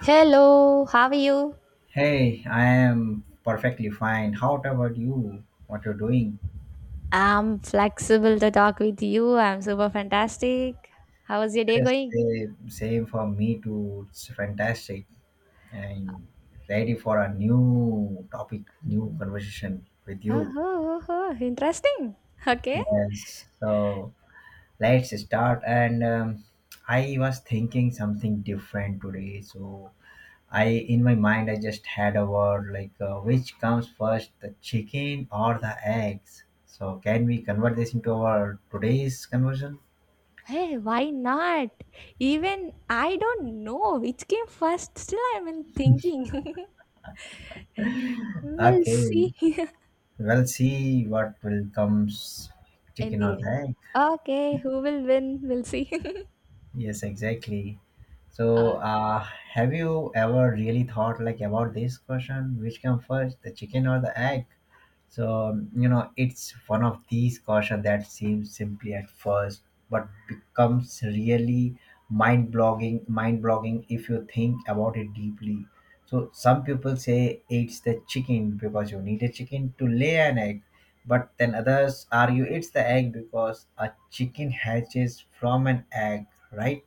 Hello, how are you? Hey, I am perfectly fine. How about you? What you're doing? I'm flexible to talk with you. I'm super fantastic. How was your day Yes, going? same, same for me too. It's fantastic and ready for a new topic, new conversation with Oh, you. oh, oh, oh, interesting. Okay. Yes, so let's start. And I was thinking something different today. So I, in my mind, I just had a word like which comes first, the chicken or the eggs. So can we convert this into our today's conversation? Hey, why not? Even I don't know which came first. Still, I'm in thinking. We'll Okay, see. well, see what will comes In chicken the or the end. egg. Okay, who will win? We'll see. Yes, exactly. So, Uh, have you ever really thought like about this question, which come first, the chicken or the egg? So, it's one of these questions that seems simply at first, but becomes really mind-blogging if you think about it deeply. So, some people say it's the chicken because you need a chicken to lay an egg. But then others argue it's the egg because a chicken hatches from an egg, right?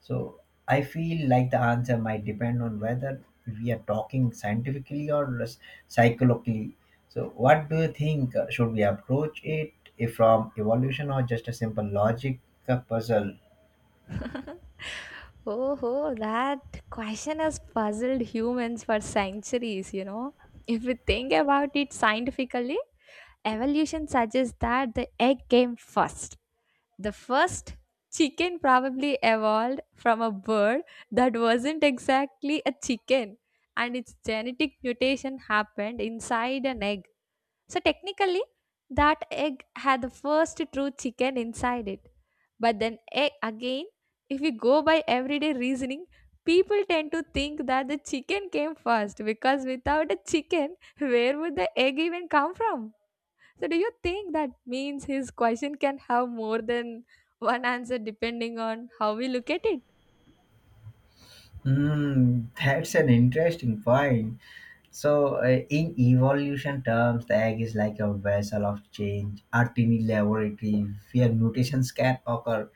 So I feel like the answer might depend on whether we are talking scientifically or psychologically. So what do you think? Should we approach it if from evolution or just a simple logic puzzle? Oh, that question has puzzled humans for centuries. If we think about it scientifically, evolution suggests that the egg came first. The first chicken probably evolved from a bird that wasn't exactly a chicken, and its genetic mutation happened inside an egg. So, technically, that egg had the first true chicken inside it. But then, egg, again, if we go by everyday reasoning, people tend to think that the chicken came first because without a chicken, where would the egg even come from? So, do you think that means his question can have more than one answer depending on how we look at it? That's an interesting point. So, in evolution terms, the egg is like a vessel of change, a tiny laboratory where mutations can occur.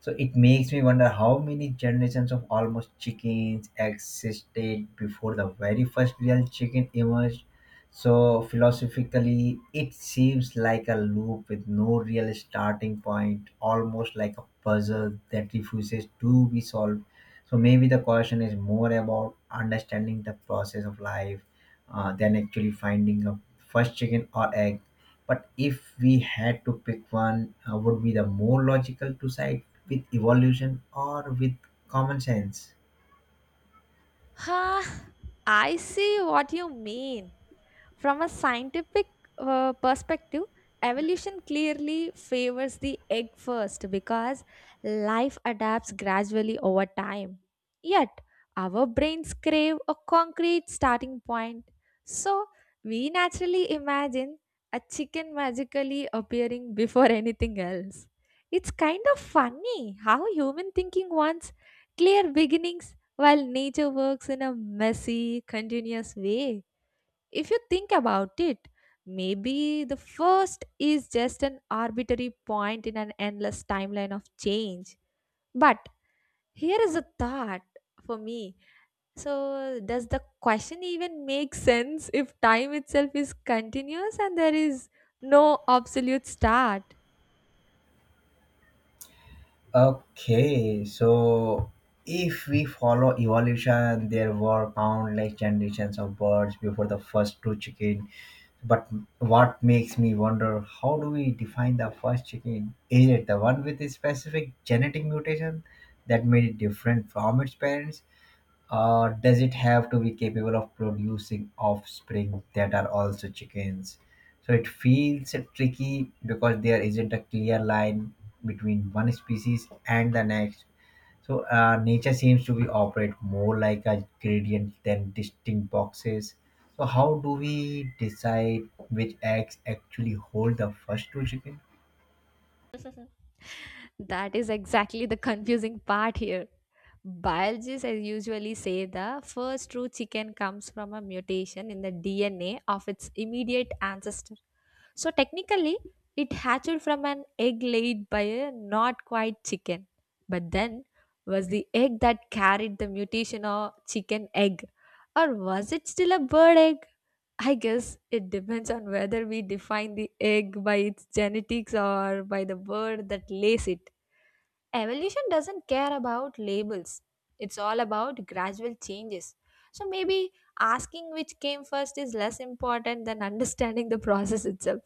So, it makes me wonder how many generations of almost chickens existed before the very first real chicken emerged. So, philosophically, it seems like a loop with no real starting point, almost like a puzzle that refuses to be solved. So maybe the question is more about understanding the process of life than actually finding a first chicken or egg. But if we had to pick one, would be the more logical to side with evolution or with common sense? Huh, I see what you mean. From a scientific perspective, evolution clearly favors the egg first because life adapts gradually over time. Yet, our brains crave a concrete starting point. So, we naturally imagine a chicken magically appearing before anything else. It's kind of funny how human thinking wants clear beginnings while nature works in a messy, continuous way. If you think about it, maybe the first is just an arbitrary point in an endless timeline of change. But here is a thought for me. So, does the question even make sense if time itself is continuous and there is no absolute start? Okay, so if we follow evolution, there were countless generations of birds before the first two chickens. But what makes me wonder how do we define the first chicken? Is it the one with a specific genetic mutation that made it different from its parents? Or does it have to be capable of producing offspring that are also chickens? So it feels tricky because there isn't a clear line between one species and the next. So nature seems to be operate more like a gradient than distinct boxes. So how do we decide which eggs actually hold the first two chicken? That is exactly the confusing part here. Biologists I usually say the first true chicken comes from a mutation in the DNA of its immediate ancestor. So technically, it hatched from an egg laid by a not quite chicken, but then was the egg that carried the mutation a chicken egg, or was it still a bird egg? I guess it depends on whether we define the egg by its genetics or by the bird that lays it. Evolution doesn't care about labels. It's all about gradual changes. So maybe asking which came first is less important than understanding the process itself.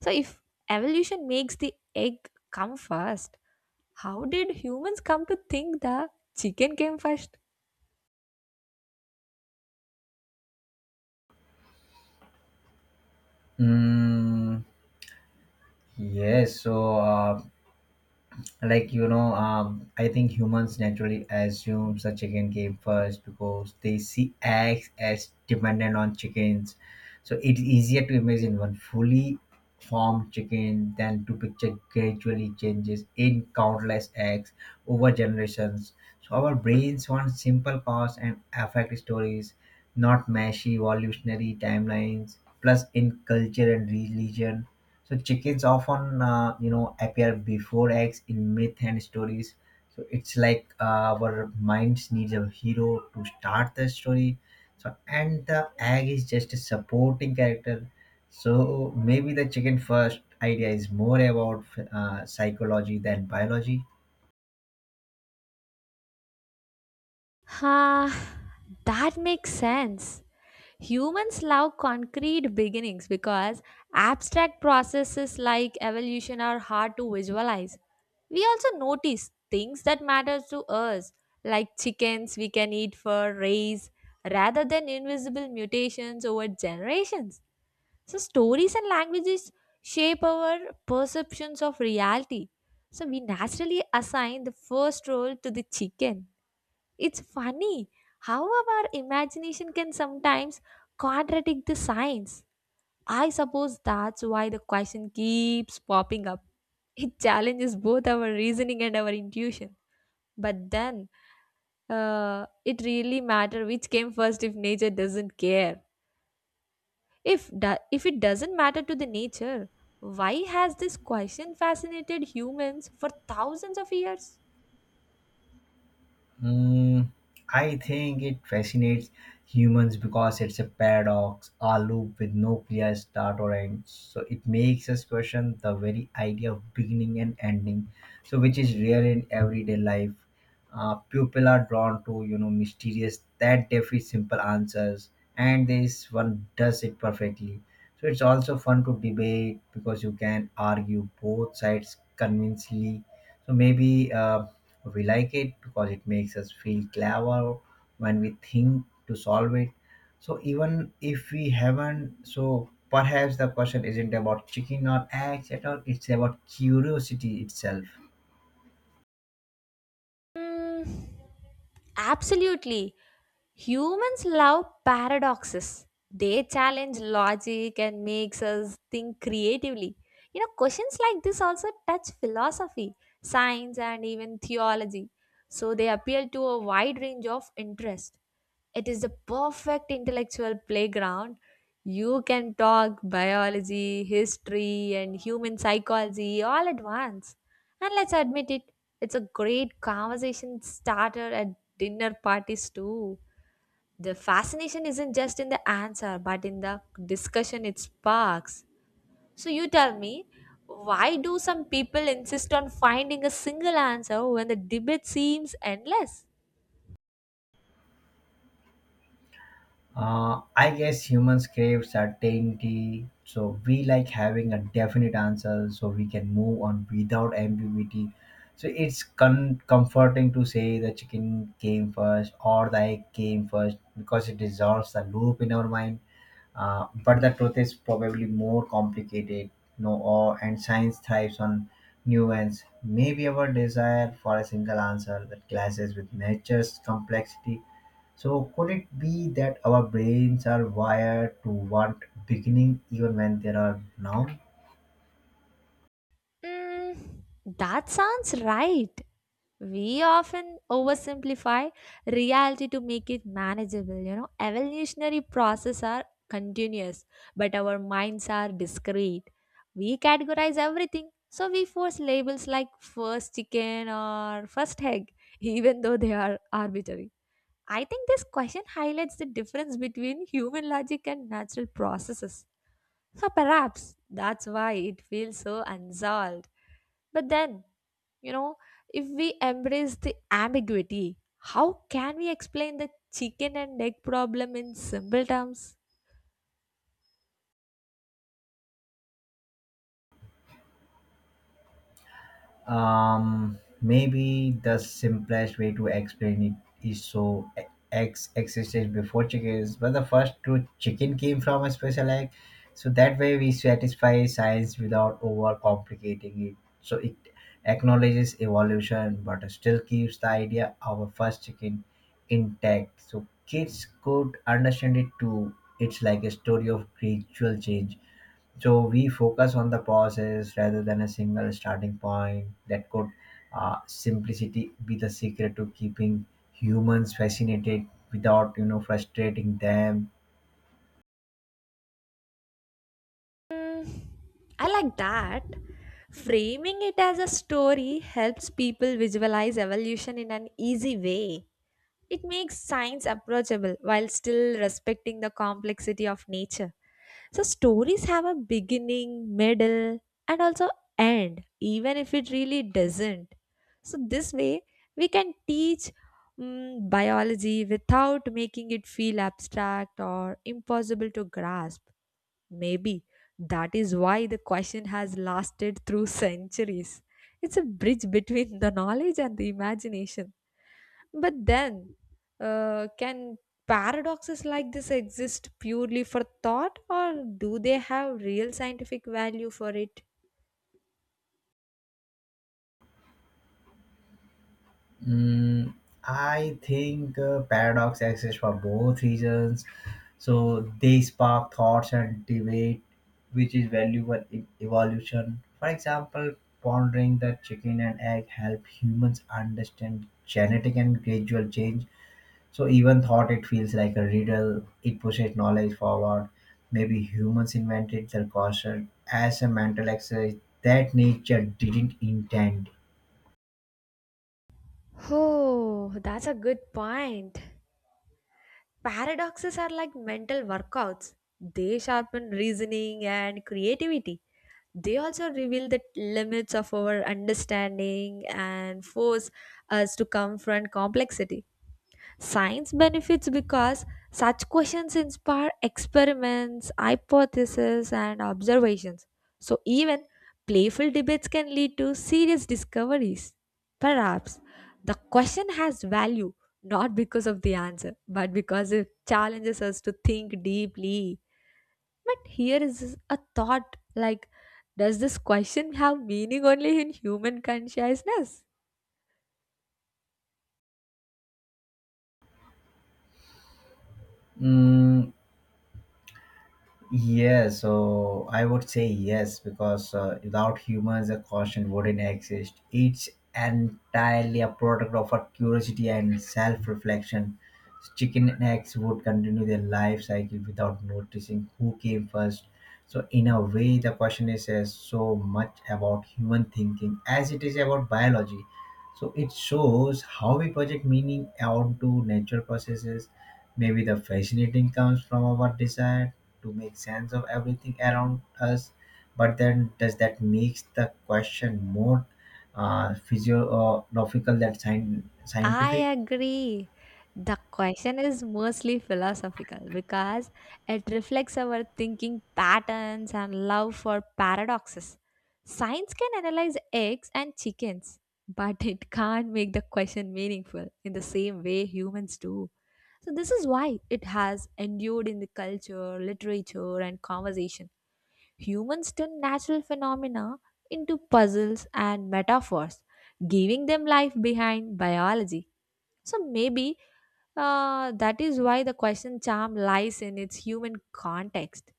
So if evolution makes the egg come first, how did humans come to think the chicken came first? Mm, yes. So like, I think humans naturally assume the chicken came first because they see eggs as dependent on chickens, so it's easier to imagine one fully formed chicken than to picture gradually changes in countless eggs over generations. So our brains want simple cause and effect stories, not meshy evolutionary timelines. Plus, in culture and religion, so chickens often, appear before eggs in myth and stories. So it's like our minds needs a hero to start the story. So and the egg is just a supporting character. So maybe the chicken first idea is more about psychology than biology. Huh, that makes sense. Humans love concrete beginnings because abstract processes like evolution are hard to visualize. We also notice things that matter to us, like chickens we can eat for raise, rather than invisible mutations over generations. So, stories and languages shape our perceptions of reality. So, we naturally assign the first role to the chicken. It's funny how our imagination can sometimes contradict the science. I suppose that's why the question keeps popping up. It challenges both our reasoning and our intuition. But then, it really matter which came first if nature doesn't care. If it doesn't matter to the nature, why has this question fascinated humans for thousands of years? Mm, I think it fascinates humans because it's a paradox, a loop with no clear start or end. So it makes us question the very idea of beginning and ending, so which is rare in everyday life. People are drawn to mysterious that defy simple answers, and this one does it perfectly. So it's also fun to debate because you can argue both sides convincingly, so maybe we like it because it makes us feel clever when we think to solve it. So even if we haven't, so perhaps the question isn't about chicken or eggs at all. It's about curiosity itself. Mm, absolutely. Humans love paradoxes. They challenge logic and makes us think creatively. You know, questions like this also touch philosophy, science and even theology. So they appeal to a wide range of interest. It is the perfect intellectual playground. You can talk biology, history and human psychology all at once. And let's admit it, it's a great conversation starter at dinner parties too. The fascination isn't just in the answer, but in the discussion it sparks. So, you tell me, why do some people insist on finding a single answer when the debate seems endless? I guess humans crave certainty, so we like having a definite answer so we can move on without ambiguity. So it's comforting to say the chicken came first or the egg came first because it dissolves the loop in our mind. But the truth is probably more complicated, and science thrives on nuance. Maybe our desire for a single answer that clashes with nature's complexity. So, could it be that our brains are wired to want beginning even when there are none? Mm, that sounds right. We often oversimplify reality to make it manageable. You know, evolutionary processes are continuous, but our minds are discrete. We categorize everything, so we force labels like first chicken or first egg, even though they are arbitrary. I think this question highlights the difference between human logic and natural processes. So perhaps that's why it feels so unsolved. But then, you know, if we embrace the ambiguity, how can we explain the chicken and egg problem in simple terms? Maybe the simplest way to explain it is so eggs existed before chickens, but the first true chicken came from a special egg. So that way we satisfy science without overcomplicating it. So it acknowledges evolution, but still keeps the idea of a first chicken intact. So kids could understand it too. It's like a story of gradual change, so we focus on the process rather than a single starting point. That could simplicity be the secret to keeping humans fascinated without frustrating them. Hmm, I like that. Framing it as a story helps people visualize evolution in an easy way. It makes science approachable while still respecting the complexity of nature. So stories have a beginning, middle, and also end, even if it really doesn't. So this way, we can teach biology without making it feel abstract or impossible to grasp. Maybe that is why the question has lasted through centuries. It's a bridge between the knowledge and the imagination. But then, can paradoxes like this exist purely for thought, or do they have real scientific value for it? Mm, I think paradox exists for both reasons. So they spark thoughts and debate, which is valuable in evolution. For example, pondering the chicken and egg help humans understand genetic and gradual change. So even thought it feels like a riddle, it pushes knowledge forward. Maybe humans invented the caution as a mental exercise that nature didn't intend. Oh, that's a good point. Paradoxes are like mental workouts, they sharpen reasoning and creativity. They also reveal the limits of our understanding and force us to confront complexity. Science benefits because such questions inspire experiments, hypotheses, and observations. So, even playful debates can lead to serious discoveries. Perhaps the question has value not because of the answer, but because it challenges us to think deeply. But here is a thought like, does this question have meaning only in human consciousness? Mm, yeah, so I would say yes because without humans, a constant wouldn't exist. It's entirely a product of our curiosity and self-reflection. Chicken and eggs would continue their life cycle without noticing who came first. So, in a way, the question is as so much about human thinking as it is about biology. So, it shows how we project meaning onto natural processes. Maybe the fascinating comes from our desire to make sense of everything around us, but then does that makes the question more physiological than I scientific? agree. The question is mostly philosophical because it reflects our thinking patterns and love for paradoxes. Science can analyze eggs and chickens, but it can't make the question meaningful in the same way humans do. So, this is why it has endured in the culture, literature, and conversation. Humans turn natural phenomena into puzzles and metaphors, giving them life behind biology. So maybe that is why the question charm lies in its human context.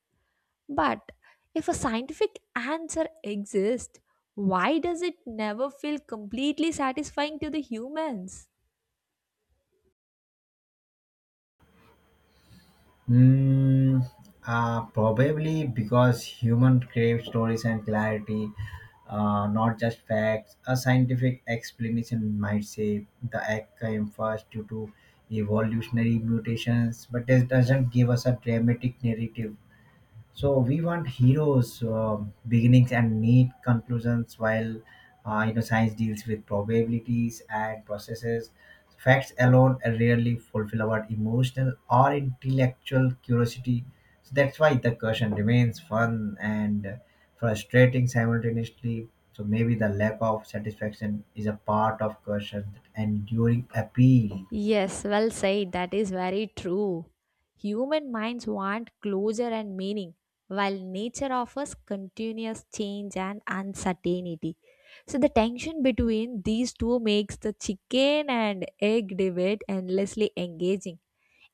But if a scientific answer exists, why does it never feel completely satisfying to the humans? Mm, probably because human crave stories and clarity, not just facts. A scientific explanation might say the egg came first due to evolutionary mutations, but it doesn't give us a dramatic narrative. So we want heroes, beginnings, and neat conclusions, while science deals with probabilities and processes. Facts alone rarely fulfill our emotional or intellectual curiosity. So that's why the question remains fun and frustrating simultaneously. So maybe the lack of satisfaction is a part of question enduring appeal. Yes, well said. That is very true. Human minds want closure and meaning, while nature offers continuous change and uncertainty. So, the tension between these two makes the chicken and egg debate endlessly engaging.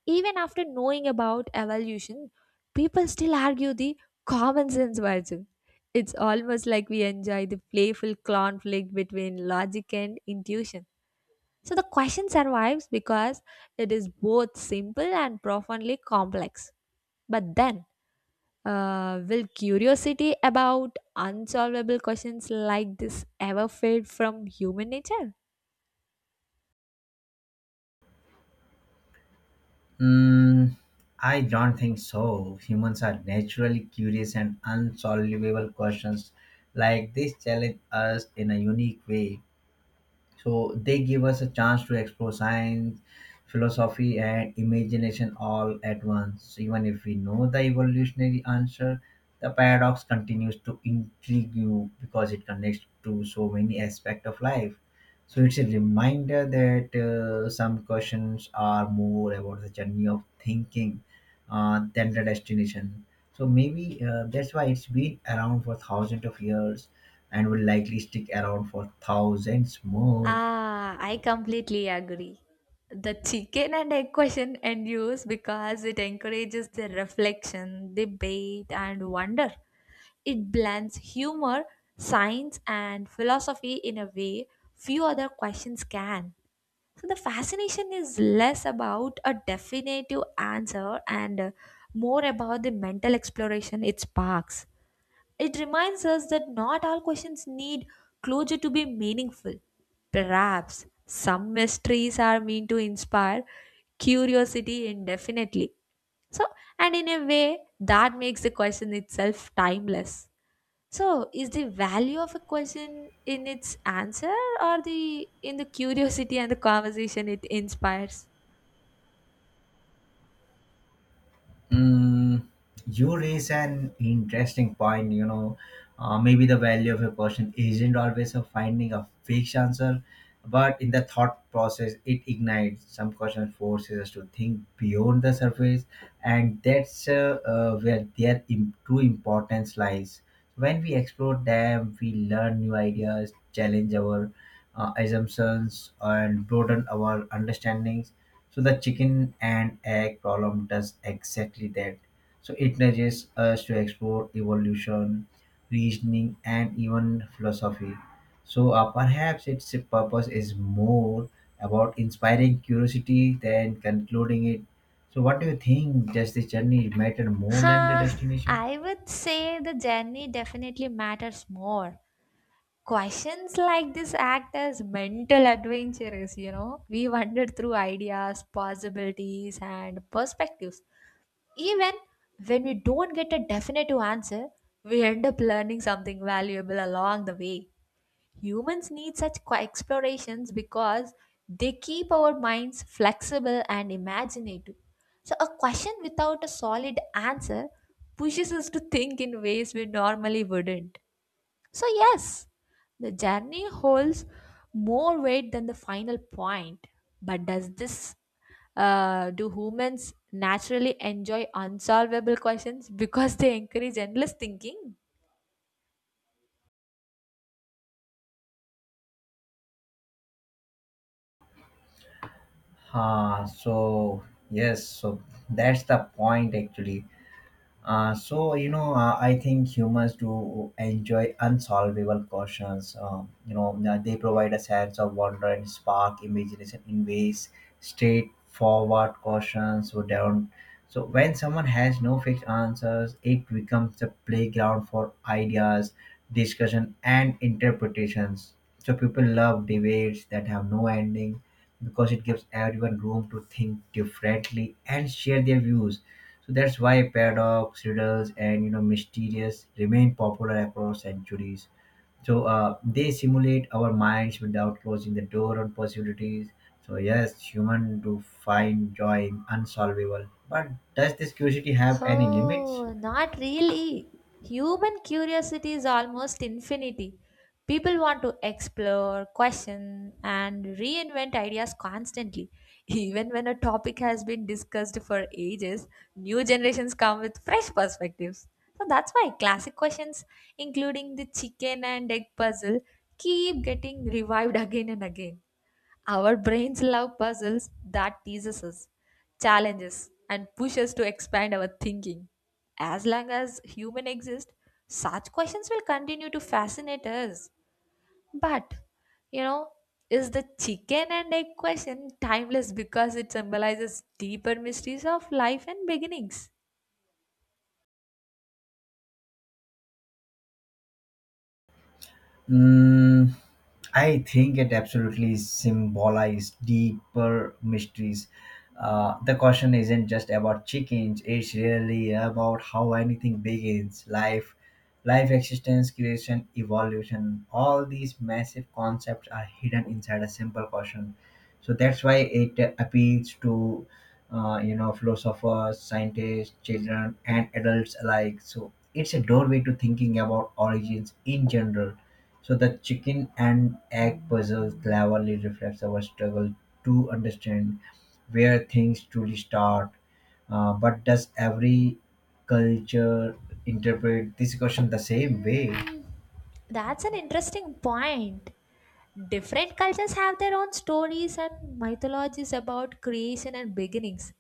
Even after knowing about evolution, people still argue the common sense version. It's almost like we enjoy the playful conflict between logic and intuition. So the question survives because it is both simple and profoundly complex. But then, will curiosity about unsolvable questions like this ever fade from human nature? Mm, I don't think so. Humans are naturally curious, and unsolvable questions like this challenge us in a unique way, so they give us a chance to explore science, philosophy and imagination all at once. Even if we know the evolutionary answer, the paradox continues to intrigue you because it connects to so many aspects of life. So it's a reminder that some questions are more about the journey of thinking than the destination. So maybe that's why it's been around for thousands of years, and will likely stick around for thousands more. Ah, I completely agree. The chicken and egg question endures because it encourages the reflection, debate, and wonder. It blends humor, science, and philosophy in a way few other questions can. So the fascination is less about a definitive answer and more about the mental exploration it sparks. It reminds us that not all questions need closure to be meaningful. Perhaps some mysteries are meant to inspire curiosity indefinitely. So, and in a way, that makes the question itself timeless. So, is the value of a question in its answer or the in the curiosity and the conversation it inspires? Mm, you raise an interesting point. Maybe the value of a person isn't always of finding a fixed answer, but in the thought process, it ignites some question, forces us to think beyond the surface, and that's where their true importance lies. When we explore them, we learn new ideas, challenge our assumptions, and broaden our understandings, so the chicken and egg problem does exactly that. So it nudges us to explore evolution, reasoning, and even philosophy. So perhaps its purpose is more about inspiring curiosity than concluding it. So what do you think? Does the journey matter more than the Huh, destination? I would say the journey definitely matters more. Questions like this act as mental adventures, you know. We wander through ideas, possibilities, and perspectives. Even when we don't get a definitive answer, we end up learning something valuable along the way. Humans need such explorations because they keep our minds flexible and imaginative. So, a question without a solid answer pushes us to think in ways we normally wouldn't. So, yes, the journey holds more weight than the final point. But does this do humans naturally enjoy unsolvable questions because they encourage endless thinking? Ah, so yes, so that's the point actually. So, I think humans do enjoy unsolvable questions. They provide a sense of wonder and spark imagination in ways straightforward questions so don't. So when someone has no fixed answers, it becomes a playground for ideas, discussion, and interpretations. So people love debates that have no ending because it gives everyone room to think differently and share their views. So that's why paradox, riddles, and mysterious remain popular across centuries. So they simulate our minds without closing the door on possibilities. So yes, human do find joy in unsolvable. But does this curiosity have any limits? Oh, not really. Human curiosity is almost infinity. People want to explore, question, and reinvent ideas constantly. Even when a topic has been discussed for ages, new generations come with fresh perspectives. So that's why classic questions, including the chicken and egg puzzle, keep getting revived again and again. Our brains love puzzles that teases us, challenges, and push us to expand our thinking. As long as human exist, such questions will continue to fascinate us. But, you know, is the chicken and egg question timeless because it symbolizes deeper mysteries of life and beginnings? Mm, I think it absolutely symbolizes deeper mysteries. The question isn't just about chickens; it's really about how anything begins, life, existence, creation, evolution. All these massive concepts are hidden inside a simple question. So that's why it appeals to, philosophers, scientists, children, and adults alike. So it's a doorway to thinking about origins in general, so the chicken and egg puzzle cleverly reflects our struggle to understand where things truly start. But does every culture interpret this question the same way? Mm, that's an interesting point. Different cultures have their own stories and mythologies about creation and beginnings.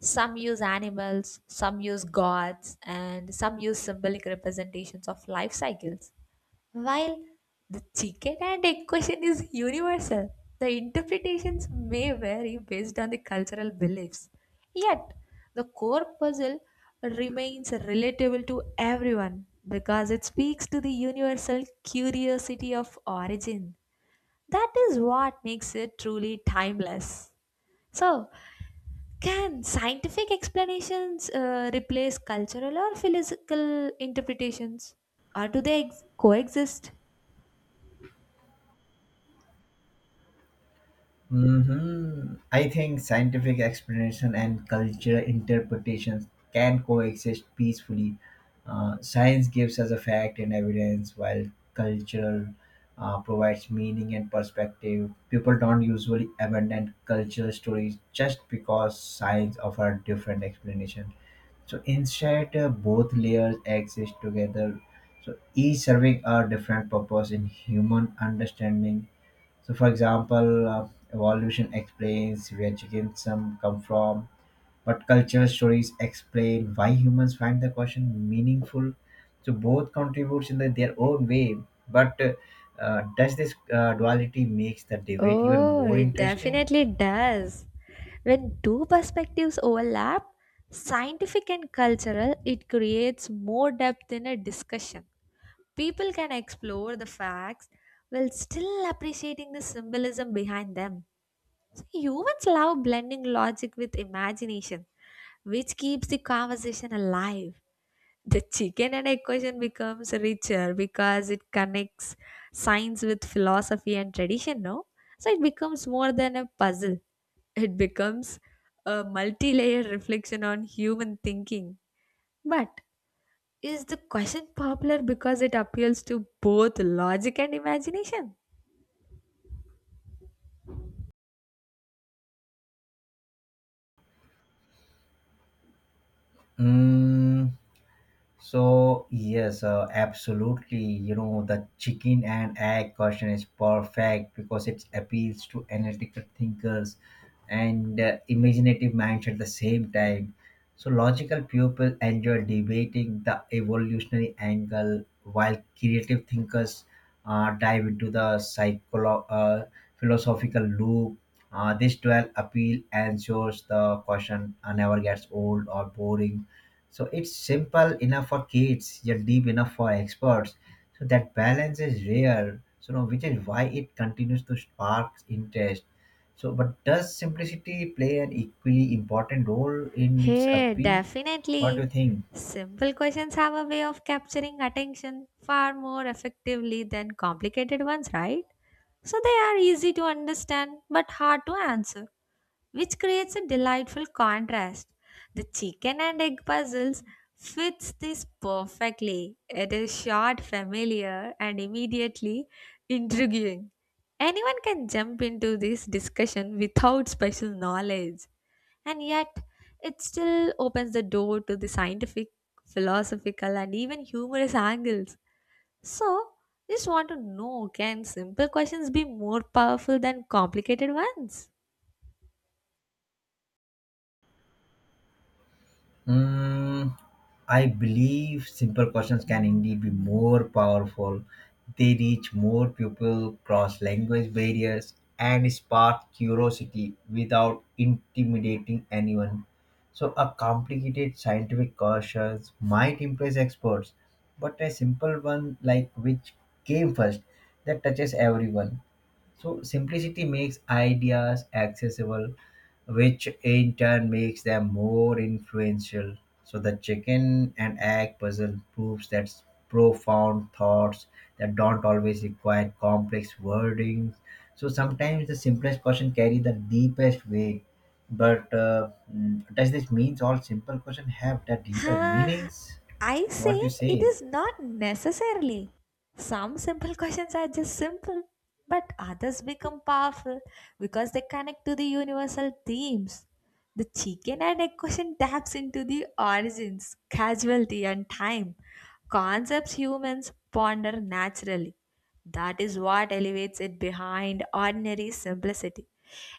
Some use animals, some use gods, and some use symbolic representations of life cycles. While the chicken and egg question is universal, the interpretations may vary based on the cultural beliefs. Yet, the core puzzle remains relatable to everyone because it speaks to the universal curiosity of origin. That is what makes it truly timeless. So, can scientific explanations replace cultural or philosophical interpretations? Or do they coexist? I think scientific explanation and cultural interpretations can coexist peacefully. Science gives us a fact and evidence, while cultural provides meaning and perspective. People don't usually abandon cultural stories just because science offers different explanation. So instead, both layers exist together. So each serving a different purpose in human understanding, so, for example, evolution explains where chickens come from, but cultural stories explain why humans find the question meaningful. So, both contributes in their own way. But does this duality makes the debate even Oh, more it interesting? definitely does. When two perspectives overlap, scientific and cultural, it creates more depth in a discussion. People can explore the facts while still appreciating the symbolism behind them. So humans love blending logic with imagination, which keeps the conversation alive. The chicken and egg question becomes richer because it connects science with philosophy and tradition, no? So it becomes more than a puzzle. It becomes a multi layered reflection on human thinking. But is the question popular because it appeals to both logic and imagination? Mm, So yes, absolutely. You know the chicken and egg question is perfect because it appeals to analytical thinkers and imaginative minds at the same time. So logical people enjoy debating the evolutionary angle, while creative thinkers dive into the philosophical loop. This dual appeal ensures the question never gets old or boring, so it's simple enough for kids, yet deep enough for experts. So that balance is rare. So now, which is why it continues to spark interest. So, but does simplicity play an equally important role in its Hey, appeal? What do definitely. you think? Simple questions have a way of capturing attention far more effectively than complicated ones, right? So they are easy to understand but hard to answer, which creates a delightful contrast. The chicken and egg puzzles fits this perfectly. It is short, familiar, and immediately intriguing. Anyone can jump into this discussion without special knowledge, and yet it still opens the door to the scientific, philosophical, and even humorous angles. So, just want to know can simple questions be more powerful than complicated ones? Mm, I believe simple questions can indeed be more powerful. They reach more people, cross language barriers, and spark curiosity without intimidating anyone. So, a complicated scientific question might impress experts, but a simple one like which came first that touches everyone, so simplicity makes ideas accessible, which in turn makes them more influential. So the chicken and egg puzzle proves that profound thoughts that don't always require complex wording. So sometimes the simplest question carry the deepest weight. But does this means all simple questions have the deeper Huh, meanings? I say What do you it say? is not necessarily. Some simple questions are just simple, but others become powerful because they connect to the universal themes. The chicken and egg question taps into the origins, casualty, and time, concepts humans ponder naturally. That is what elevates it behind ordinary simplicity.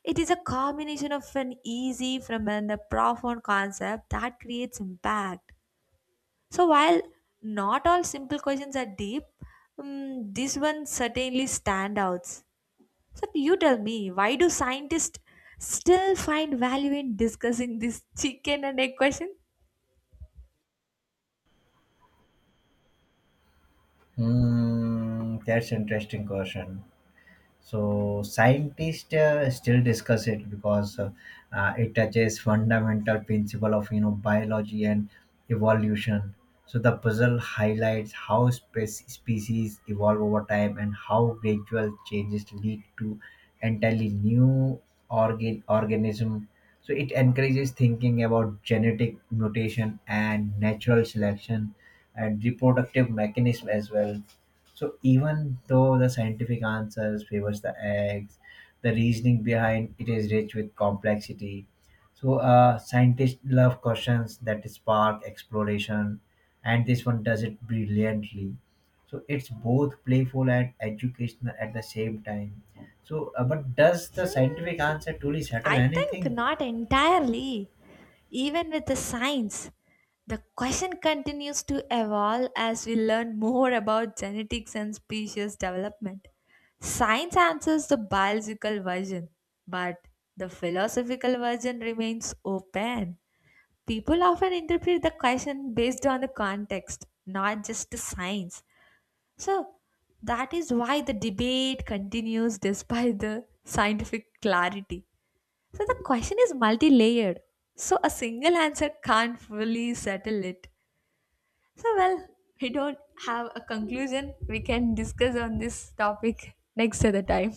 It is a combination of an easy from and a profound concept that creates impact. So while not all simple questions are deep, this one certainly stand out. So you tell me, why do scientists still find value in discussing this chicken and egg question? That's interesting question. So scientists still discuss it because it touches fundamental principle of biology and evolution. So the puzzle highlights how species evolve over time and how gradual changes lead to entirely new organism. So it encourages thinking about genetic mutation and natural selection and reproductive mechanism as well, so even though the scientific answers favors the eggs, the reasoning behind it is rich with complexity. So scientists love questions that spark exploration, and this one does it brilliantly. So it's both playful and educational at the same time. So, but does the scientific Hmm, answer truly settle I think anything? not entirely. Even with the science, the question continues to evolve as we learn more about genetics and species development. Science answers the biological version, but the philosophical version remains open. People often interpret the question based on the context, not just the science. So that is why the debate continues despite the scientific clarity. So the question is multi layered. So a single answer can't fully settle it. So, well, we don't have a conclusion. We can discuss on this topic next other time.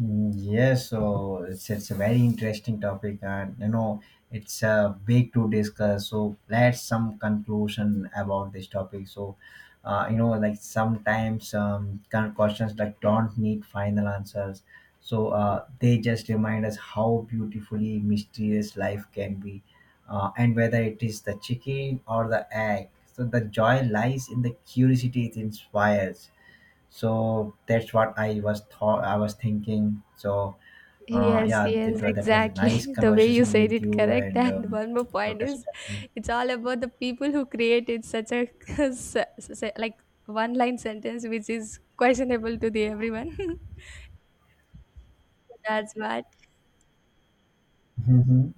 Mm, yes, so it's a very interesting topic, and it's big to discuss. So let's some conclusion about this topic. So, like sometimes kind of questions like don't need final answers. So they just remind us how beautifully mysterious life can be, and whether it is the chicken or the egg. So the joy lies in the curiosity it inspires. So that's what I was thinking. So Yes, yeah, yes, that was a nice exactly. The way you conversation said with it, you, correct. and And one more you point touched. is, it's all about the people who created such a like one-line sentence, which is questionable to the everyone. That's what. Hmm.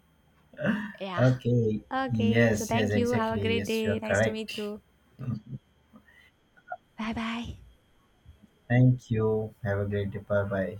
Yeah. Okay. Yes. Yes. Exactly. Yes. You're Nice to meet correct. you. Bye bye. Thank you. Have a great day. Bye. Bye.